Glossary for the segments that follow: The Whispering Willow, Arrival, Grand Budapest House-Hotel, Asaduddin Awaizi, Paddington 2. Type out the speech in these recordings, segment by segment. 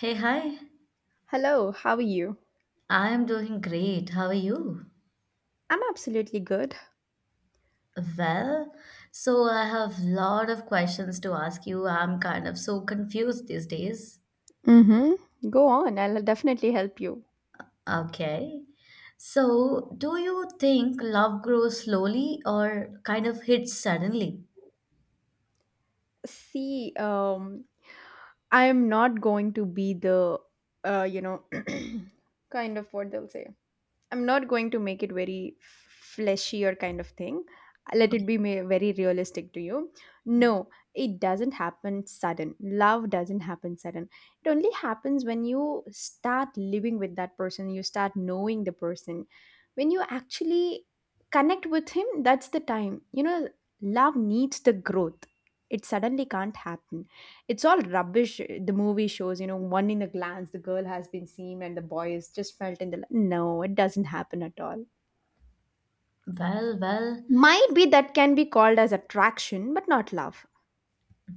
Hey, hi. Hello, how are you? I am doing great. How are you? I'm absolutely good. Well, so I have lot of questions to ask you. I'm kind of so confused these days. Mm-hmm. Go on, I'll definitely help you. Okay. So, do you think love grows slowly or kind of hits suddenly? See, I'm not going to be uh, you know, kind of what they'll say. I'm not going to make it very fleshy or kind of thing. Let it be very realistic to you. No, it doesn't happen sudden. Love doesn't happen sudden. It only happens when you start living with that person, you start knowing the person. When you actually connect with him, that's the time. You know, love needs the growth. It suddenly can't happen, it's all rubbish. The movie shows, you know, one in a glance the girl has been seen and the boy is just felt in the, no, it doesn't happen at all. Well, well, Might be that can be called as attraction but not love.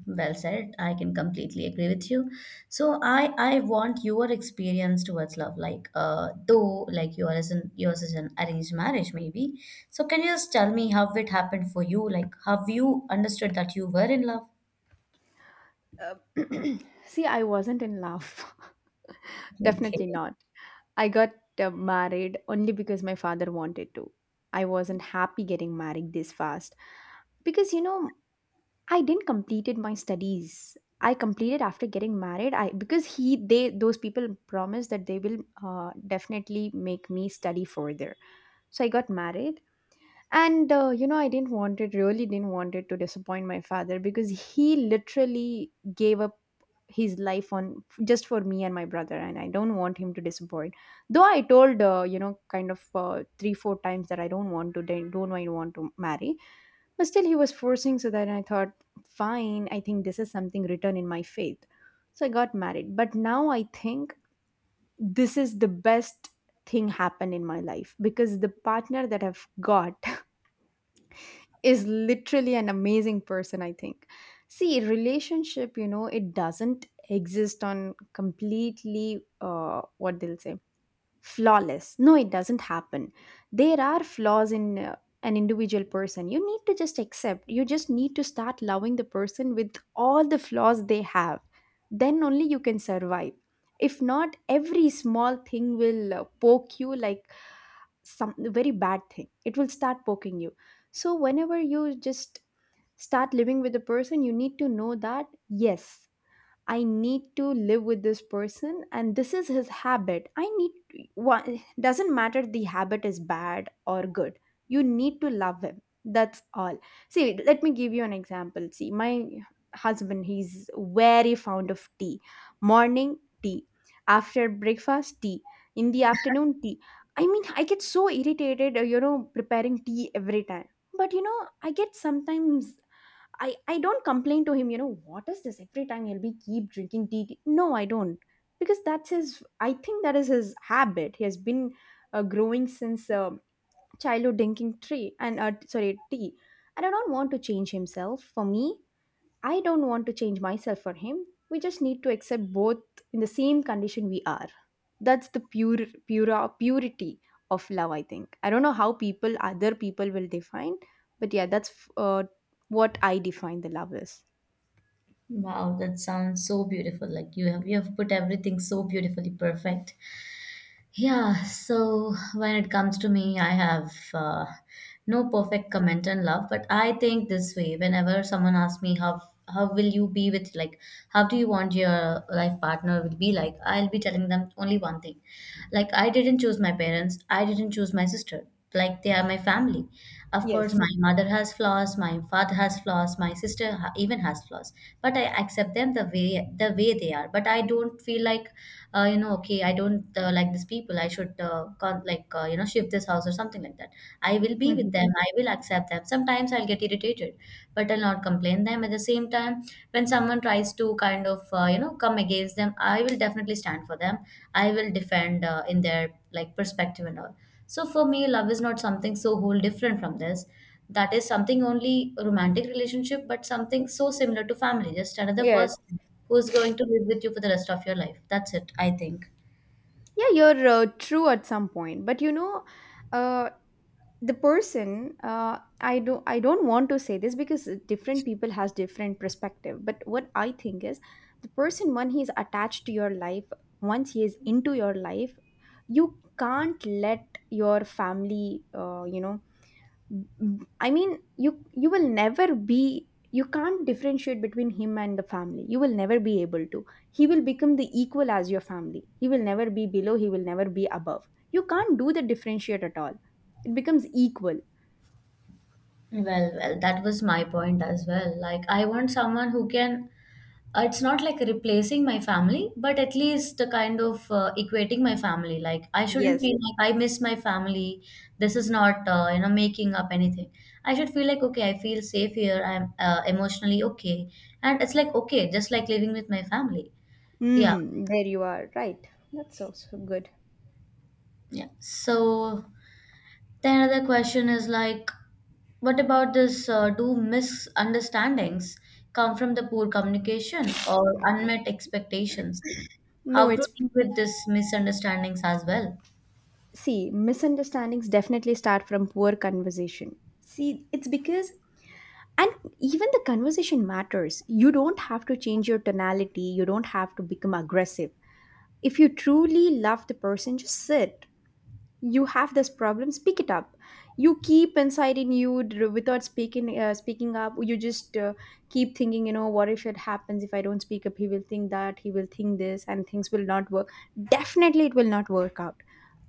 Well said. I can completely agree with you. So I want your experience towards love, like though like yours is an arranged marriage maybe. So can you just tell me how it happened for you? Like have you understood that you were in love? Uh, see, I wasn't in love, definitely Okay. not. I got married only because my father wanted to. I wasn't happy getting married this fast because, you know, I didn't completed my studies. I completed after getting married. I, because he, they, those people promised that they will definitely make me study further. So I got married, and you know, I didn't want it, really didn't want it, to disappoint my father because he literally gave up his life on just for me and my brother, and I don't want him to disappoint. Though I told you know, kind of 3 4 times that I don't want to, don't I want to marry, but still he was forcing, so that I thought, fine, I think this is something written in my faith. So I got married, but now I think this is the best thing happened in my life because the partner that I've got is literally an amazing person, I think. See, relationship, you know, it doesn't exist on completely what they'll say flawless. No, it doesn't happen. There are flaws in an individual person. You need to just accept, you just need to start loving the person with all the flaws they have. Then only you can survive. If not, every small thing will poke you, like some very bad thing it will start poking you. So whenever you just start living with a person, you need to know that yes, I need to live with this person, and this is his habit. I need, one, doesn't matter the habit is bad or good. You need to love him. That's all. See, let me give you an example. See, my husband, he's very fond of tea. Morning tea, after breakfast tea, in the afternoon tea. I mean, I get so irritated, you know, preparing tea every time. But you know, I get sometimes, I don't complain to him, you know, what is this? Every time he'll be keep drinking tea, tea." No, I don't. Because that's his, I think that is his habit. He has been growing since childhood drinking tree and, sorry, tea. And I don't want to change himself. For me, I don't want to change myself for him. We just need to accept both in the same condition we are. That's the pure, pure purity of love, I think. I don't know how people, other people, will define, but yeah, that's what I define the love is. Wow, that sounds so beautiful. Like you have put everything so beautifully perfect. Yeah, so when it comes to me, I have no perfect comment on love, but I think this way. Whenever someone asks me how will you be with like how do you want your life partner will be like, I'll be telling them only one thing. Like, I didn't choose my parents, I didn't choose my sister. Like, they are my family. Of course, Yes. my mother has flaws, my father has flaws, even has flaws. But I accept them the way they are. But I don't feel like, you know, okay, I don't like these people. I should like, you know, shift this house or something like that. I will be with Mhm. them. I will accept them. Sometimes I'll get irritated but I'll not complain them. At the same time, when someone tries to kind of, you know, come against them, I will definitely stand for them. I will defend, in their like perspective and all. So for me, love is not something so whole different from this. That is something only romantic relationship, but something so similar to family. Just another Yes. person who's going to live with you for the rest of your life. That's it, I think. Yeah, you're true at some point, but you know, uh, the person, I don't want to say this because different people has different perspective, but what I think is the person when he's attached to your life, once he is into your life, you can't let your family, you know, I mean, you will never be, you can't differentiate between him and the family. You will never be able to, he will become the equal as your family. He will never be below, he will never be above. You can't do the differentiate at all. It becomes equal. Well, that was my point as well. Like, I want someone who can, it's not like replacing my family, but at least the kind of, equating my family. Like, I shouldn't Yes. feel like I miss my family. This is not, you know, making up anything. I should feel like, okay, I feel safe here. I'm, emotionally okay. And it's like, okay, just like living with my family. Yeah. Mm, there you are. Right. That's also good. Yeah. So, the another question is like, what about this? Do misunderstandings come from the poor communication or unmet expectations? No, How to it's, deal with these misunderstandings as well? see, misunderstandings definitely start from poor conversation. See, it's because, and even the conversation matters. You don't have to change your tonality. You don't have to become aggressive. If you truly love the person, just sit. You have this problem, speak it up. You keep inside in you, without speaking, speaking up, you just keep thinking, you know, what if it happens, if I don't speak up, he will think that, he will think this, and things will not work. Definitely it will not work out.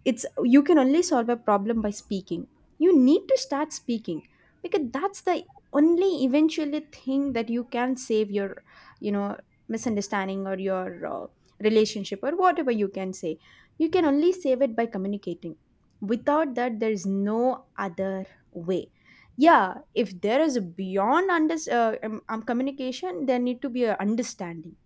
It's, you can only solve a problem by speaking. You need to start speaking, because that's the only eventually thing that you can save your, you know, misunderstanding or your relationship or whatever you can say. You can only save it by communicating. Without that there is no other way. Yeah, if there is a beyond under communication, there need to be a understanding.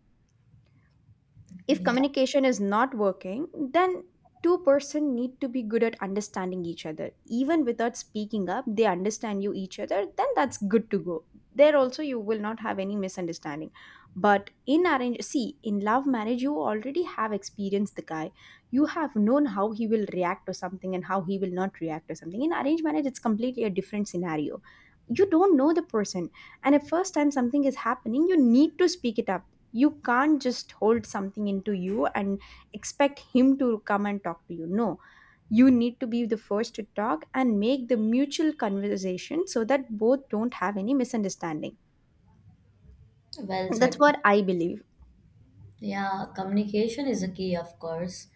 If Yeah, communication is not working, then two-person need to be good at understanding each other, even without speaking up they understand you each other, then that's good to go. There also you will not have any misunderstanding. But in arrange, see, in love marriage you already have experienced the guy. You have known how he will react to something and how he will not react to something. In arranged marriage, it's completely a different scenario. You don't know the person, and at first time something is happening, you need to speak it up. You can't just hold something into you and expect him to come and talk to you. No, you need to be the first to talk and make the mutual conversation so that both don't have any misunderstanding. well That's said. what I believe. Yeah, communication is a key, of course.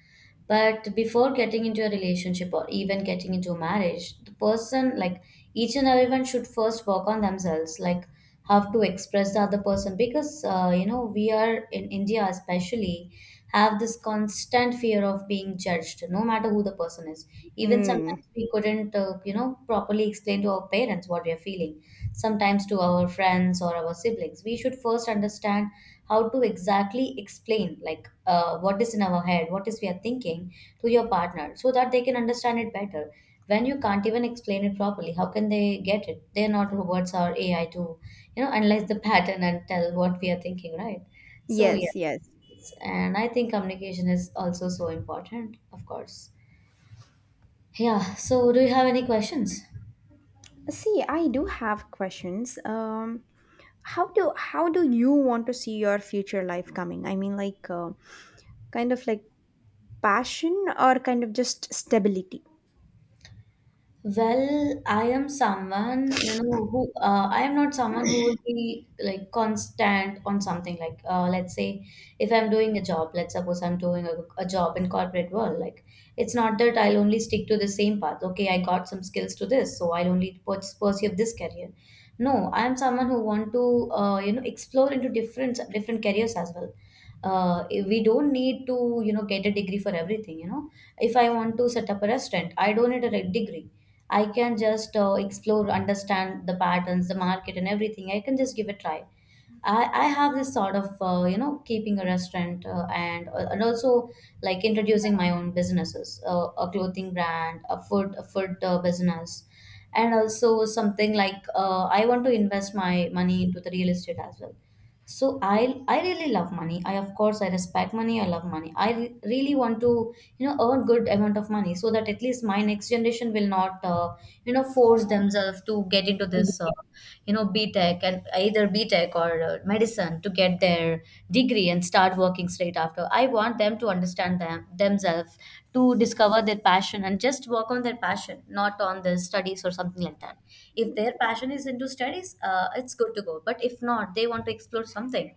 But before getting into a relationship or even getting into a marriage, the person, like each and everyone, should first work on themselves, like how to express the other person. Because, you know, we are in India, especially, have this constant fear of being judged, no matter who the person is. Even sometimes Hmm. we couldn't, you know, properly explain to our parents what we are feeling, sometimes to our friends or our siblings. We should first understand how to exactly explain, like, what is in our head, what is we are thinking to your partner so that they can understand it better. When you can't even explain it properly, how can they get it? They're not robots or AI to, you know, analyze the pattern and tell what we are thinking, right? So Yes, yes. yes, and I think communication is also so important, of course. Yeah, so do you have any questions? See, I do have questions. How do, how do you want to see your future life coming? I mean, like, kind of like passion or kind of just stability? Well, I am someone, you know, who, I am not someone who will be like constant on something. Like, let's say, if I'm doing a job, let's suppose I'm doing a job in corporate world. Like, it's not that I'll only stick to the same path. Okay, I got some skills to this, so I'll only pursue this career. No, I am someone who want to, you know, explore into different different careers as well. We don't need to, you know, get a degree for everything. You know, if I want to set up a restaurant, I don't need a degree. I can just, explore, understand the patterns, the market, and everything. I can just give a try. I have this sort of, you know, keeping a restaurant, and also like introducing my own businesses, a clothing brand, a food, business, and also something like, I want to invest my money into the real estate as well. So I really love money. I, of course, I respect money, I love money, I really want to, you know, earn good amount of money so that at least my next generation will not, you know, force themselves to get into this, you know, B tech, and either B tech or medicine to get their degree and start working straight after. I want them to understand them themselves, to discover their passion and just work on their passion, not on the studies or something like that. If their passion is into studies, it's good to go. But if not, they want to explore something.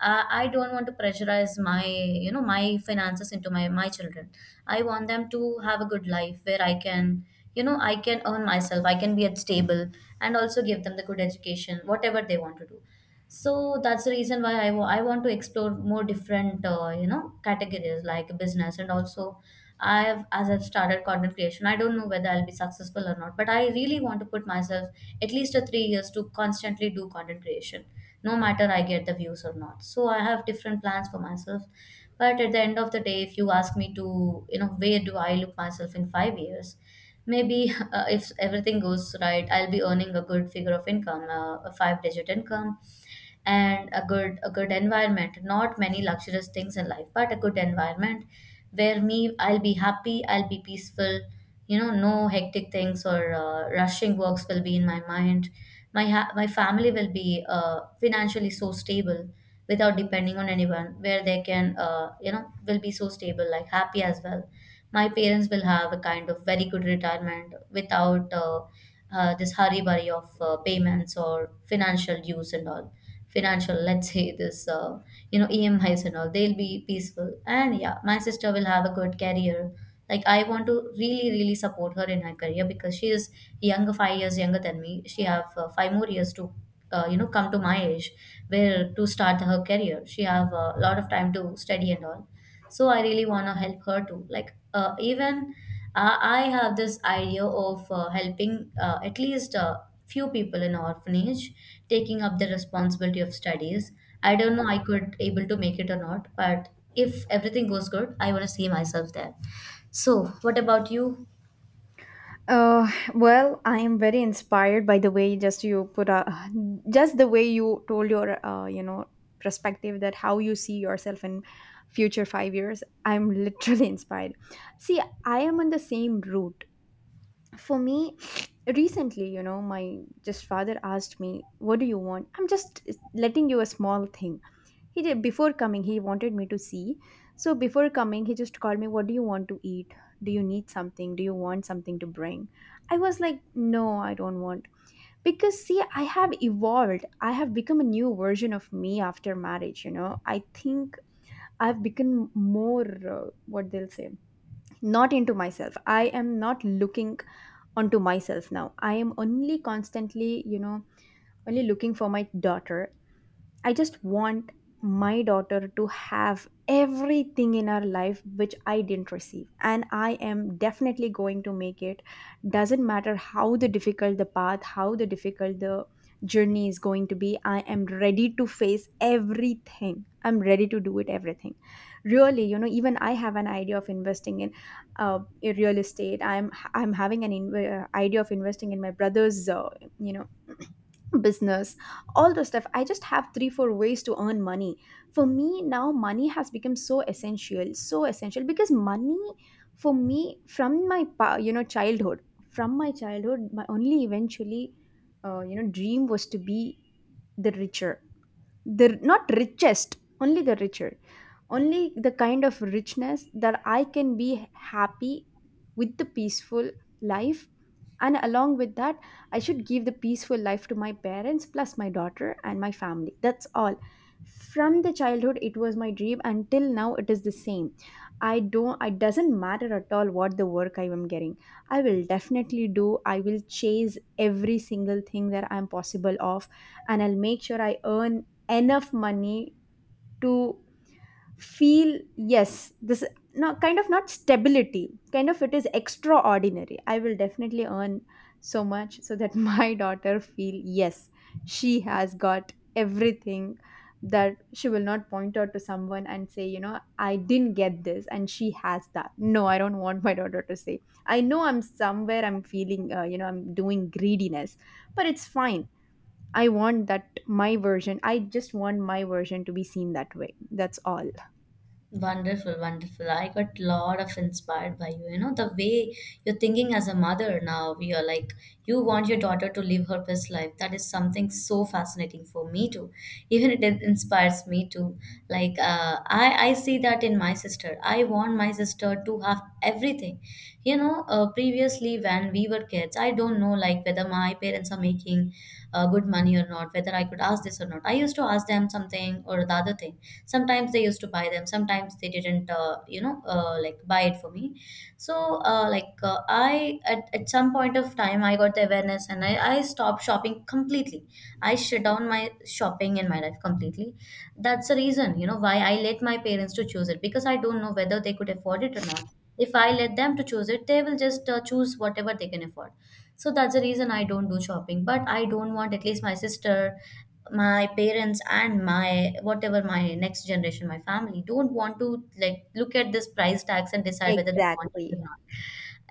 I don't want to pressurize my, you know, my finances into my children. I want them to have a good life where I can, you know, I can earn myself. I can be at stable and also give them the good education, whatever they want to do. So that's the reason why I want to explore more different, you know, categories like business. And also, I've started content creation, I don't know whether I'll be successful or not, but I really want to put myself at least a 3 years to constantly do content creation no matter I get the views or not. So I have different plans for myself, but at the end of the day, if you ask me to, you know, where do I look myself in 5 years, maybe if everything goes right, I'll be earning a good figure of income, a 5-digit income, and a good environment. Not many luxurious things in life, but a good environment where me, I'll be happy, I'll be peaceful, you know, no hectic things or, rushing works will be in my mind. My family will be, financially so stable without depending on anyone, where they can, you know, will be so stable, like happy as well. My parents will have a kind of very good retirement without, this hurry worry of, payments or financial dues and all. Financial, let's say, this, you know, EMIs and all. They'll be peaceful, and yeah, my sister will have a good career. Like, I want to really really support her in her career, because she is younger, 5 years younger than me. She have, 5 more years to, you know, come to my age, where to start her career. She have a lot of time to study and all. So I really want to help her too. Like, even I have this idea of, helping, at least, few people in orphanage, taking up the responsibility of studies. I don't know I could able to make it or not, but if everything goes good, I want to see myself there. So what about you? Uh, well, I am very inspired by the way just you put a, just the way you told your you know, perspective that how you see yourself in future 5 years. I'm literally inspired. See, I am on the same route. For me, recently, you know, my just father asked me, "What do you want?" I'm just letting you a small thing. He did before coming, he wanted me to see. So before coming, he just called me, "What do you want to eat? Do you need something? Do you want something to bring?" I was like, "No, I don't want." Because see, I have evolved. I have become a new version of me after marriage, you know. I think I've become more, what they'll say, not into myself. I am not looking onto myself now. I am only constantly, you know, only looking for my daughter. I just want my daughter to have everything in her life which I didn't receive. And I am definitely going to make it. Doesn't matter how the difficult the path, how the difficult the journey is going to be. I am ready to face everything. I'm ready to do it, everything. Really, you know, even I have an idea of investing in real estate. I'm having an idea of investing in my brother's, you know, business, all those stuff. I just have 3 4 ways to earn money. For me now, money has become so essential, so essential, because money, for me, from my you know, childhood, from my childhood, my only eventually you know, dream was to be the richer, the not richest, only the richer, only the kind of richness that I can be happy with, the peaceful life. And along with that, I should give the peaceful life to my parents plus my daughter and my family, that's all. From the childhood it was my dream, until now it is the same. I don't, it doesn't matter at all what the work I am getting, I will definitely do. I will chase every single thing that I'm possible of, and I'll make sure I earn enough money to feel, yes, this, no, kind of not stability, kind of it is extraordinary. I will definitely earn so much so that my daughter feel yes, she has got everything, that she will not point out to someone and say, you know, I didn't get this and she has that. No, I don't want my daughter to say. I know, I'm somewhere I'm feeling, you know, I'm doing greediness, but it's fine. I want that my version, I just want my version to be seen that way. That's all. Wonderful, wonderful. I got lot of inspired by you. You know, the way you're thinking as a mother now, you're like, you want your daughter to live her best life. That is something so fascinating for me too. Even it inspires me too. Like, I see that in my sister. I want my sister to have everything. You know, previously when we were kids, I don't know like whether my parents are making, good money or not, whether I could ask this or not. I used to ask them something or the other thing. Sometimes they used to buy them, sometimes they didn't, you know, like buy it for me. So, I at some point of time, I got the awareness and I stopped shopping completely. I shut down my shopping in my life completely. That's the reason, you know, why I let my parents to choose it, because I don't know whether they could afford it or not. If I let them to choose it, they will just choose whatever they can afford. So that's the reason I don't do shopping, but I don't want at least my sister, my parents and my whatever, my next generation, my family don't want to like look at this price tags and decide whether they want it or Exactly. not.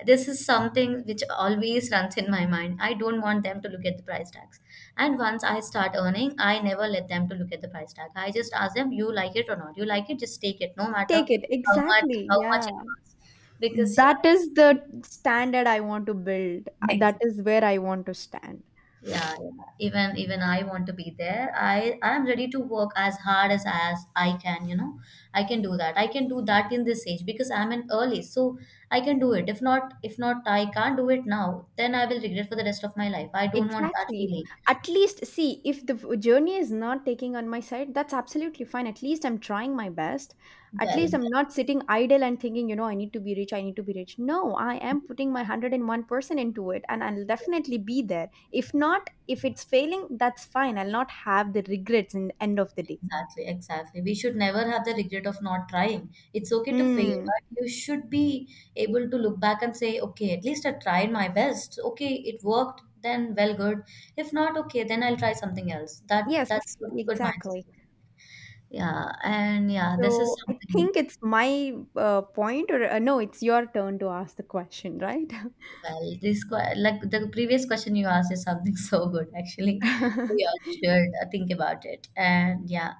This is something which always runs in my mind. I don't want them to look at the price tags, and once I start earning, I never let them to look at the price tag. I just ask them, you like it or not? You like it, just take it, no matter Take it. how much, Exactly. how much Yeah. it costs, because yeah. That is the standard I want to build. That Exactly. is where I want to stand. Yeah, yeah. Even I want to be there. I am ready to work as hard as I can, you know. I can do that. I can do that in this age because I'm an early, so I can do it. If not, I can't do it now, then I will regret for the rest of my life. I don't want that Exactly. feeling. At least, see, if the journey is not taking on my side, that's absolutely fine. At least I'm trying my best. At Well, well, least I'm not sitting idle and thinking, I need to be rich, I need to be rich. No, I am putting my 101% into it and I'll yes. definitely be there. If not, if it's failing, that's fine. I'll not have the regrets in the end of the day. Exactly, exactly. We should never have the regret of not trying. It's okay to fail, Hmm. but you should be able to look back and say, okay, at least I tried my best. Okay, it worked, then well, good. If not, okay, then I'll try something else. That Yes, that's a good mindset. exactly. Yeah, and yeah, this is So I something. think it's my point, or no, it's your turn to ask the question, right? Well, this like the previous question you asked is something so good actually. We all should think about it. And yeah,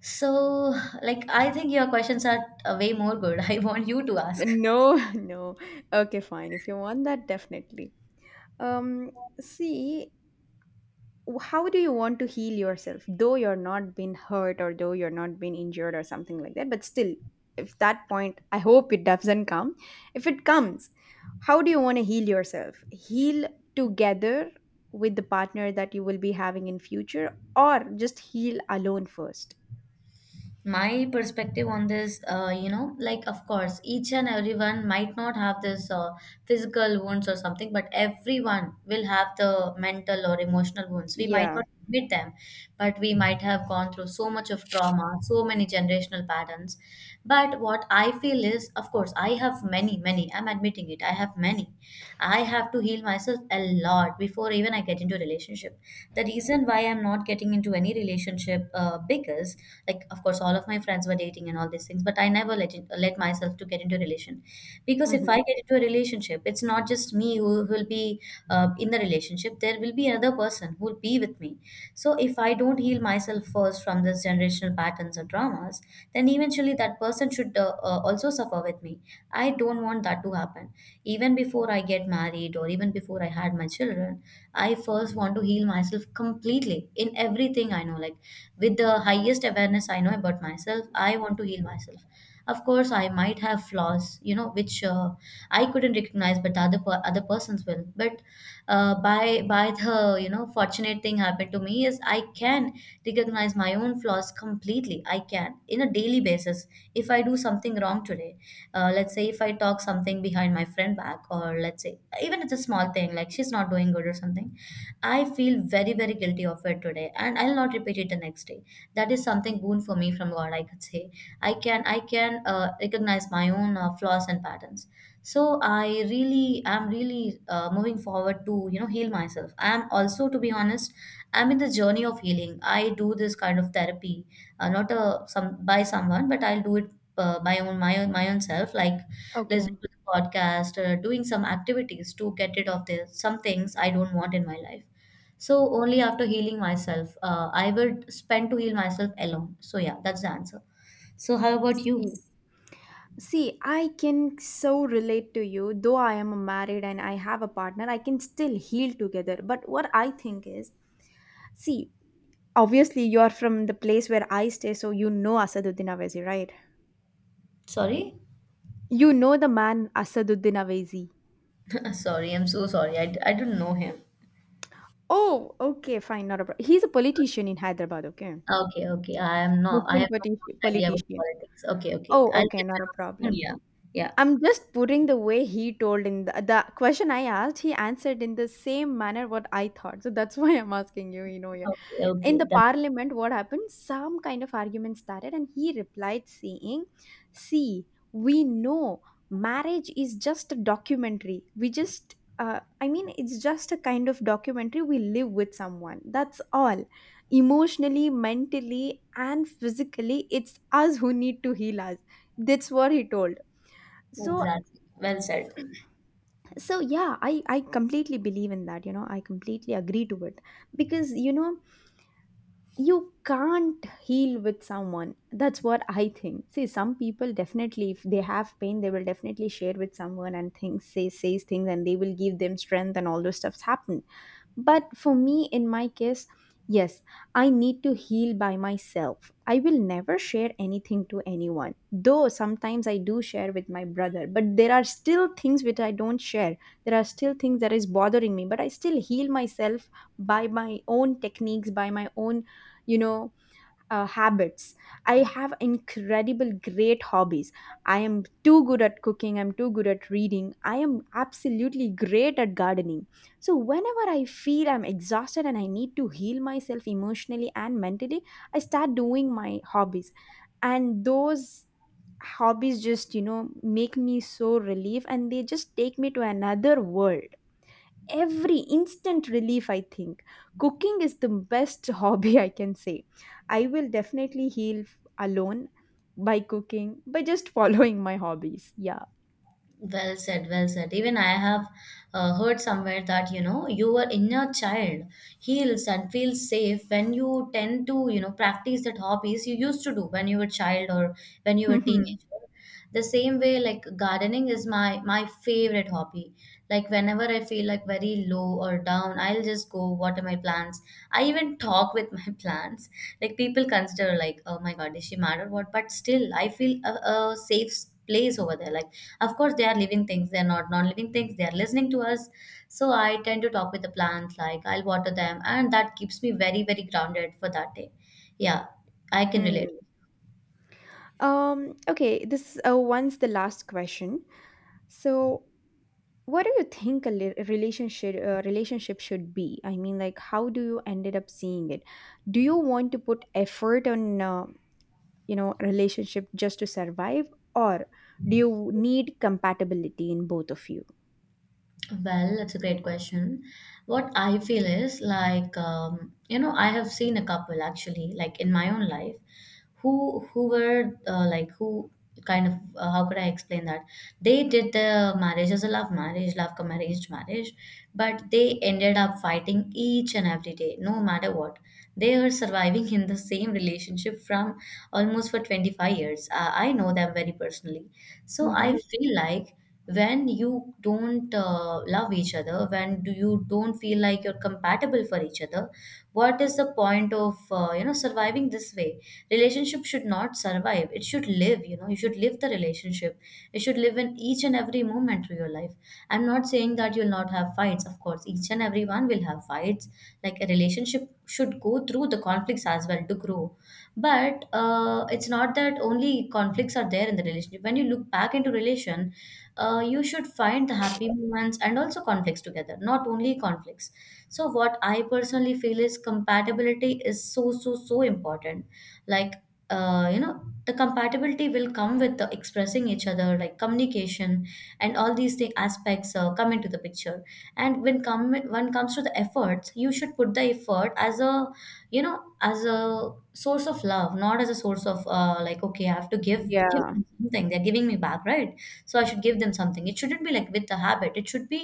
so like I think your questions are way more good. I want you to ask. No, no. Okay, fine. If you want that, definitely. Um, see, how do you want to heal yourself? Though you're not been hurt or though you're not been injured or something like that, but still, if that point, I hope it doesn't come. If it comes, how do you want to heal yourself? Heal together with the partner that you will be having in future or just heal alone first? My perspective on this, you know, like, of course, each and everyone might not have this physical wounds or something, but everyone will have the mental or emotional wounds. We might Yeah. not admit them, but we might have gone through so much of trauma, so many generational patterns. But what I feel is, of course, I have many, many, I'm admitting it, I have many. I have to heal myself a lot before even I get into a relationship. The reason why I'm not getting into any relationship, because, like, of course, all of my friends were dating and all these things, but I never let it, let myself to get into a relation, because if I Mm-hmm. get into a relationship, it's not just me who will be in the relationship. There will be another person who will be with me. So, if I don't heal myself first from these generational patterns or traumas, then eventually that person should also suffer with me. I don't want that to happen. Even before I get married or even before I had my children, I first want to heal myself completely in everything I know. Like with the highest awareness I know about myself, I want to heal myself. Of course, I might have flaws, you know, which I couldn't recognize, but other persons will. But by the, you know, fortunate thing happened to me is I can recognize my own flaws completely. I can in a daily basis, if I do something wrong today, let's say if I talk something behind my friend back, or let's say even it's a small thing like she's not doing good or something, I feel very, very guilty of it today, and I'll not repeat it the next day. That is something boon for me from God, I could say. I can, I can recognize my own flaws and patterns. So I really, I'm really moving forward to, you know, heal myself. I'm also, to be honest, I'm in the journey of healing. I do this kind of therapy, not a some by someone, but I'll do it by own my own my own self, like Okay. listening to the podcast, doing some activities to get rid of the some things I don't want in my life. So only after healing myself, I would spend to heal myself alone. So yeah, that's the answer. So, how about you? See. See, I can so relate to you. Though I am married and I have a partner, I can still heal together. But what I think is, see, obviously you are from the place where I stay, so you know Asaduddin Awaizi, right? Sorry? You know the man Asaduddin Awaizi. Sorry, I'm so sorry. I don't know him. Oh, okay, fine, not a problem. He's a politician in Hyderabad, okay? Okay, okay. I am not. I Muslim have no idea about politician. politics. Okay, okay. Oh, I'll okay, get to not a know soon. problem. Yeah, yeah. I'm just putting the way he told in the question I asked, he answered in the same manner what I thought. So that's why I'm asking you, you know. Yeah. Okay, In okay. the That, parliament, what happened? Some kind of argument started, and he replied, saying, see, we know marriage is just a documentary. We just, I mean, it's just a kind of documentary. We live with someone. That's all. Emotionally, mentally, and physically, it's us who need to heal us. That's what he told. So, exactly. Well said. so yeah, I completely believe in that. You know, I completely agree to it because, you know, you can't heal with someone. That's what I think. See, some people definitely, if they have pain, they will definitely share with someone and things, says things, and they will give them strength and all those stuffs happen. But for me, in my case, yes, I need to heal by myself. I will never share anything to anyone, though sometimes I do share with my brother, but there are still things which I don't share. There are still things that is bothering me, but I still heal myself by my own techniques, by my own, you know, habits. I have incredible great hobbies. I am too good at cooking, I'm too good at reading, I am absolutely great at gardening. So whenever I feel I'm exhausted and I need to heal myself emotionally and mentally, I start doing my hobbies, and those hobbies just, you know, make me so relieved, and they just take me to another world. Every instant relief, I think cooking is the best hobby I can say. I will definitely heal alone by cooking, by just following my hobbies. Yeah. Well said, well said. Even I have heard somewhere that, you know, your inner child heals and feels safe when you tend to, you know, practice that hobbies you used to do when you were child or when you were Mhm. teenager. The same way, like gardening is my favorite hobby. Like whenever I feel like very low or down, I'll just go water my plants. I even talk with my plants. Like people consider like, oh my God, is she mad or what? But still, I feel a safe place over there. Like of course, they are living things, they are not non living things, they are listening to us. So I tend to talk with the plants, like I'll water them, and that keeps me very, very grounded for that day. Yeah, I can relate. Hmm. Um, okay, this one's the last question. So what do you think a relationship, relationship should be? I mean, like, how do you ended up seeing it? Do you want to put effort on you know, relationship just to survive, or do you need compatibility in both of you? Well, that's a great question. What I feel is like, you know, I have seen a couple actually, like in my own life, who were like who kind of, how could I explain that? They did the marriage as a love marriage, love come arranged marriage, but they ended up fighting each and every day, no matter what. They are surviving in the same relationship from almost for 25 years. I know them very personally. So Mm-hmm. I feel like when you don't love each other, when do you don't feel like you're compatible for each other, what is the point of you know, surviving this way? Relationship should not survive, it should live. You know, you should live the relationship. It should live in each and every moment of your life. I'm not saying that you'll not have fights. Of course, each and everyone will have fights. Like a relationship should go through the conflicts as well to grow, but it's not that only conflicts are there in the relationship. When you look back into relation, you should find the happy moments and also conflicts together, not only conflicts. So what I personally feel is compatibility is so, so, so important. Like, you know, the compatibility will come with the expressing each other, like communication, and all these thing aspects come into the picture. And when comes to the efforts, you should put the effort as a, you know, as a source of love, not as a source of, like, okay, I have to give, give Yeah. them something, they're giving me back, right? So I should give them something. It shouldn't be like with the habit. It should be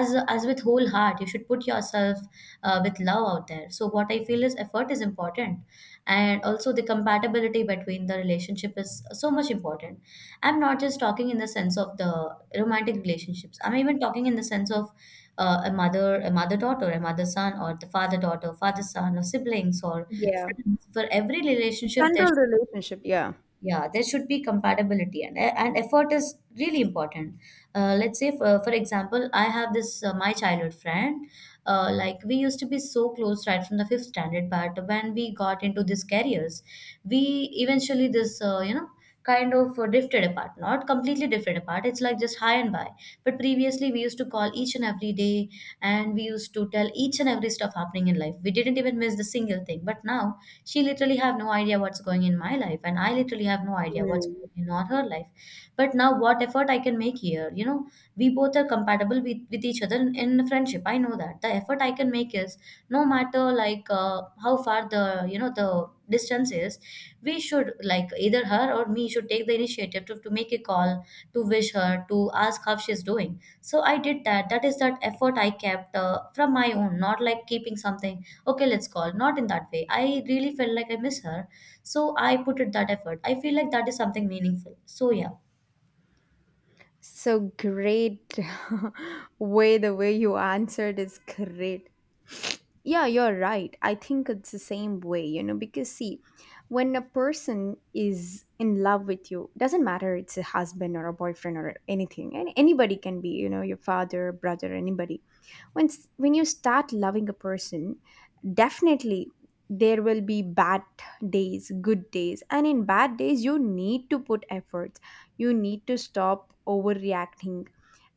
as with whole heart, you should put yourself with love out there. So what I feel is effort is important, and also the compatibility between the relationship is so much important. I'm not just talking in the sense of the romantic relationships. I'm even talking in the sense of a mother, a mother daughter, a mother son, or the father daughter, father son, or siblings, or Yeah, friends. For every relationship there, general relationship, yeah. yeah, there should be compatibility, and effort is really important. Let's say for example, I have this my childhood friend. Like we used to be so close right from the fifth standard, but when we got into these careers, we eventually this, you know, kind of, drifted apart. Not completely drifted apart. It's like just high and by. But previously we used to call each and every day, and we used to tell each and every stuff happening in life. We didn't even miss the single thing. But now she literally have no idea what's going in my life, and I literally have no idea what's Mm. going in on her life. But now what effort I can make here, you know, we both are compatible with each other in friendship. I know that the effort I can make is, no matter like, how far the, you know, the distance is, we should like either her or me should take the initiative to make a call, to wish her, to ask how she's doing. So I did that. That is that effort I kept from my own, not like keeping something, okay, let's call, not in that way. I really felt like I miss her, so I put it that effort. I feel like that is something meaningful. So yeah. So great, way the way you answered is great. Yeah, you're right. I think it's the same way, you know, because see, when a person is in love with you, doesn't matter it's a husband or a boyfriend or anything, and anybody can be, you know, your father, brother, anybody. When when you start loving a person, definitely there will be bad days, good days, and in bad days you need to put efforts. You need to stop overreacting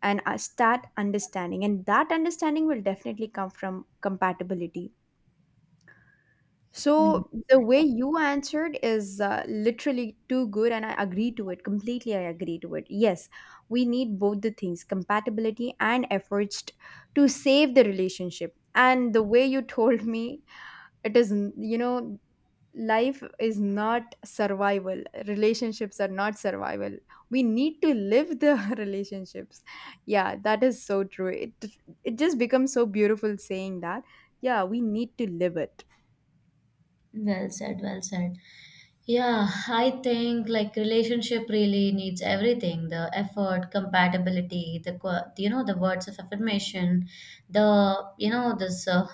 and start understanding, and that understanding will definitely come from compatibility. Hmm. So the way you answered is literally too good, and I agree to it completely. I agree to it. Yes, we need both the things, compatibility and efforts, to save the relationship. And the way you told me, it is, you know, life is not survival, relationships are not survival. We need to live the relationships. Yeah, that is so true. It just becomes so beautiful saying that. Yeah, we need to live it. Well said, well said. Yeah, I think like relationship really needs everything, the effort, compatibility, you know, the words of affirmation, the, you know, this,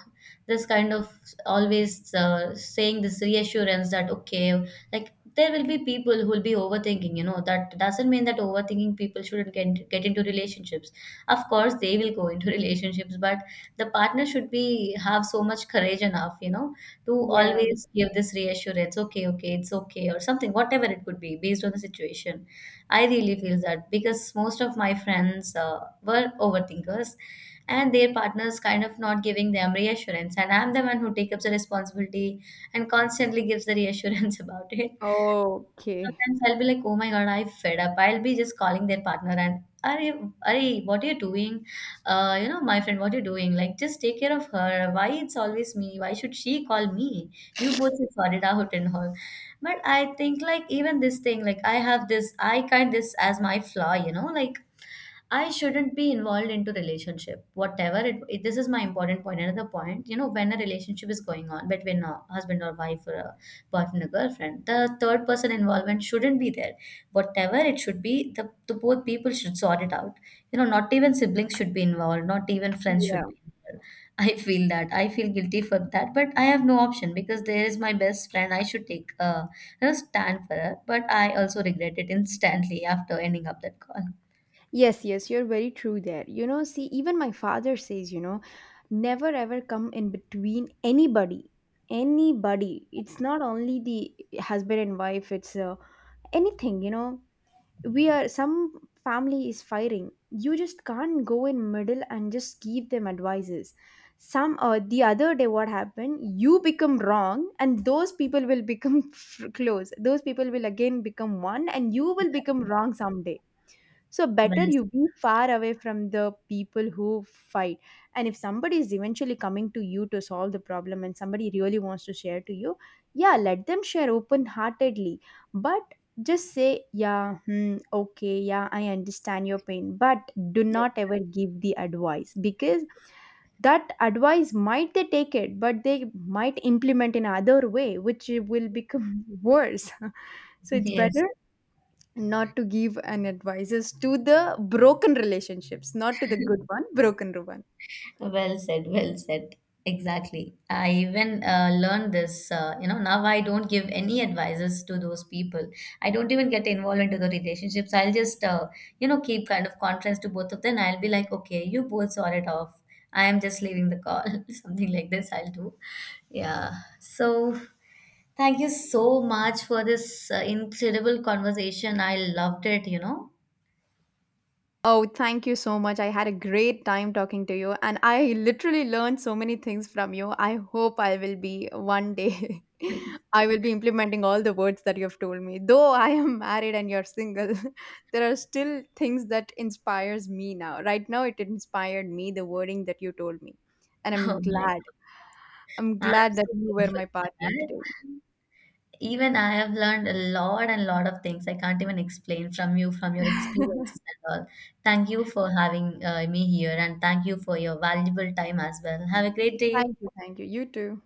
this kind of always, saying this reassurance that, okay, like there will be people who will be overthinking, you know, that doesn't mean that overthinking people shouldn't get into relationships. Of course, they will go into relationships, but the partner should be have so much courage enough, you know, to Yeah. always give this reassurance, okay, okay, it's okay or something, whatever it could be based on the situation. I really feel that because most of my friends were overthinkers, and their partners kind of not giving them reassurance, and I'm the one who takes up the responsibility and constantly gives the reassurance about it. Okay. Sometimes I'll be like, oh my God, I'm fed up. I'll be just calling their partner and, Arey, Arey, what are you doing? You know, my friend, what are you doing? Like, just take care of her. Why it's always me? Why should she call me? You both should sort it out and all. But I think like even this thing, like I have this, I kind this as my flaw, you know, like I shouldn't be involved into relationship, whatever it- This is my important point. Another point, you know, when a relationship is going on between a husband or wife or a partner or girlfriend, the third person involvement shouldn't be there. Whatever it should be, the both people should sort it out. You know, not even siblings should be involved. Not even friends should Yeah. be involved. I feel that I feel guilty for that, but I have no option because there is my best friend. I should take a, you know, stand for her, but I also regret it instantly after ending up that call. Yes, yes, you're very true there. You know, see, even my father says, you know, never ever come in between anybody. Anybody. It's not only the husband and wife, it's anything, you know. We are, some family is firing, you just can't go in middle and just give them advices. Some, the other day, what happened? You become wrong, and those people will become close, those people will again become one, and you will become wrong someday. So better Yes. you be far away from the people who fight. And if somebody is eventually coming to you to solve the problem and somebody really wants to share to you, yeah, let them share open heartedly. But just say, yeah, hmm, okay, yeah, I understand your pain. But do not ever give the advice, because that advice might they take it, but they might implement in other way, which will become worse. So it's Yes, better not to give an advices to the broken relationships, not to the good one, broken one. well said, well said. Exactly. I even learned this, you know, now I don't give any advices to those people. I don't even get involved into the relationships. I'll just, you know, keep kind of conference to both of them. I'll be like, okay, you both sort it off. I am just leaving the call. Something like this I'll do. Yeah. So thank you so much for this incredible conversation. I loved it, you know. Oh, thank you so much. I had a great time talking to you, and I literally learned so many things from you. I hope I will be one day I will be implementing all the words that you've told me. Though I am married and you're single, there are still things that inspires me. Now right now it inspired me, the wording that you told me, and Oh I'm my, glad, I'm I'm glad that so you were grateful my for partner that. today. Even I have learned a lot and lot of things I can't even explain from you, from your experiences and all. Thank you for having me here, and thank you for your valuable time as well. Have a great day. Thank you. Thank you. You too.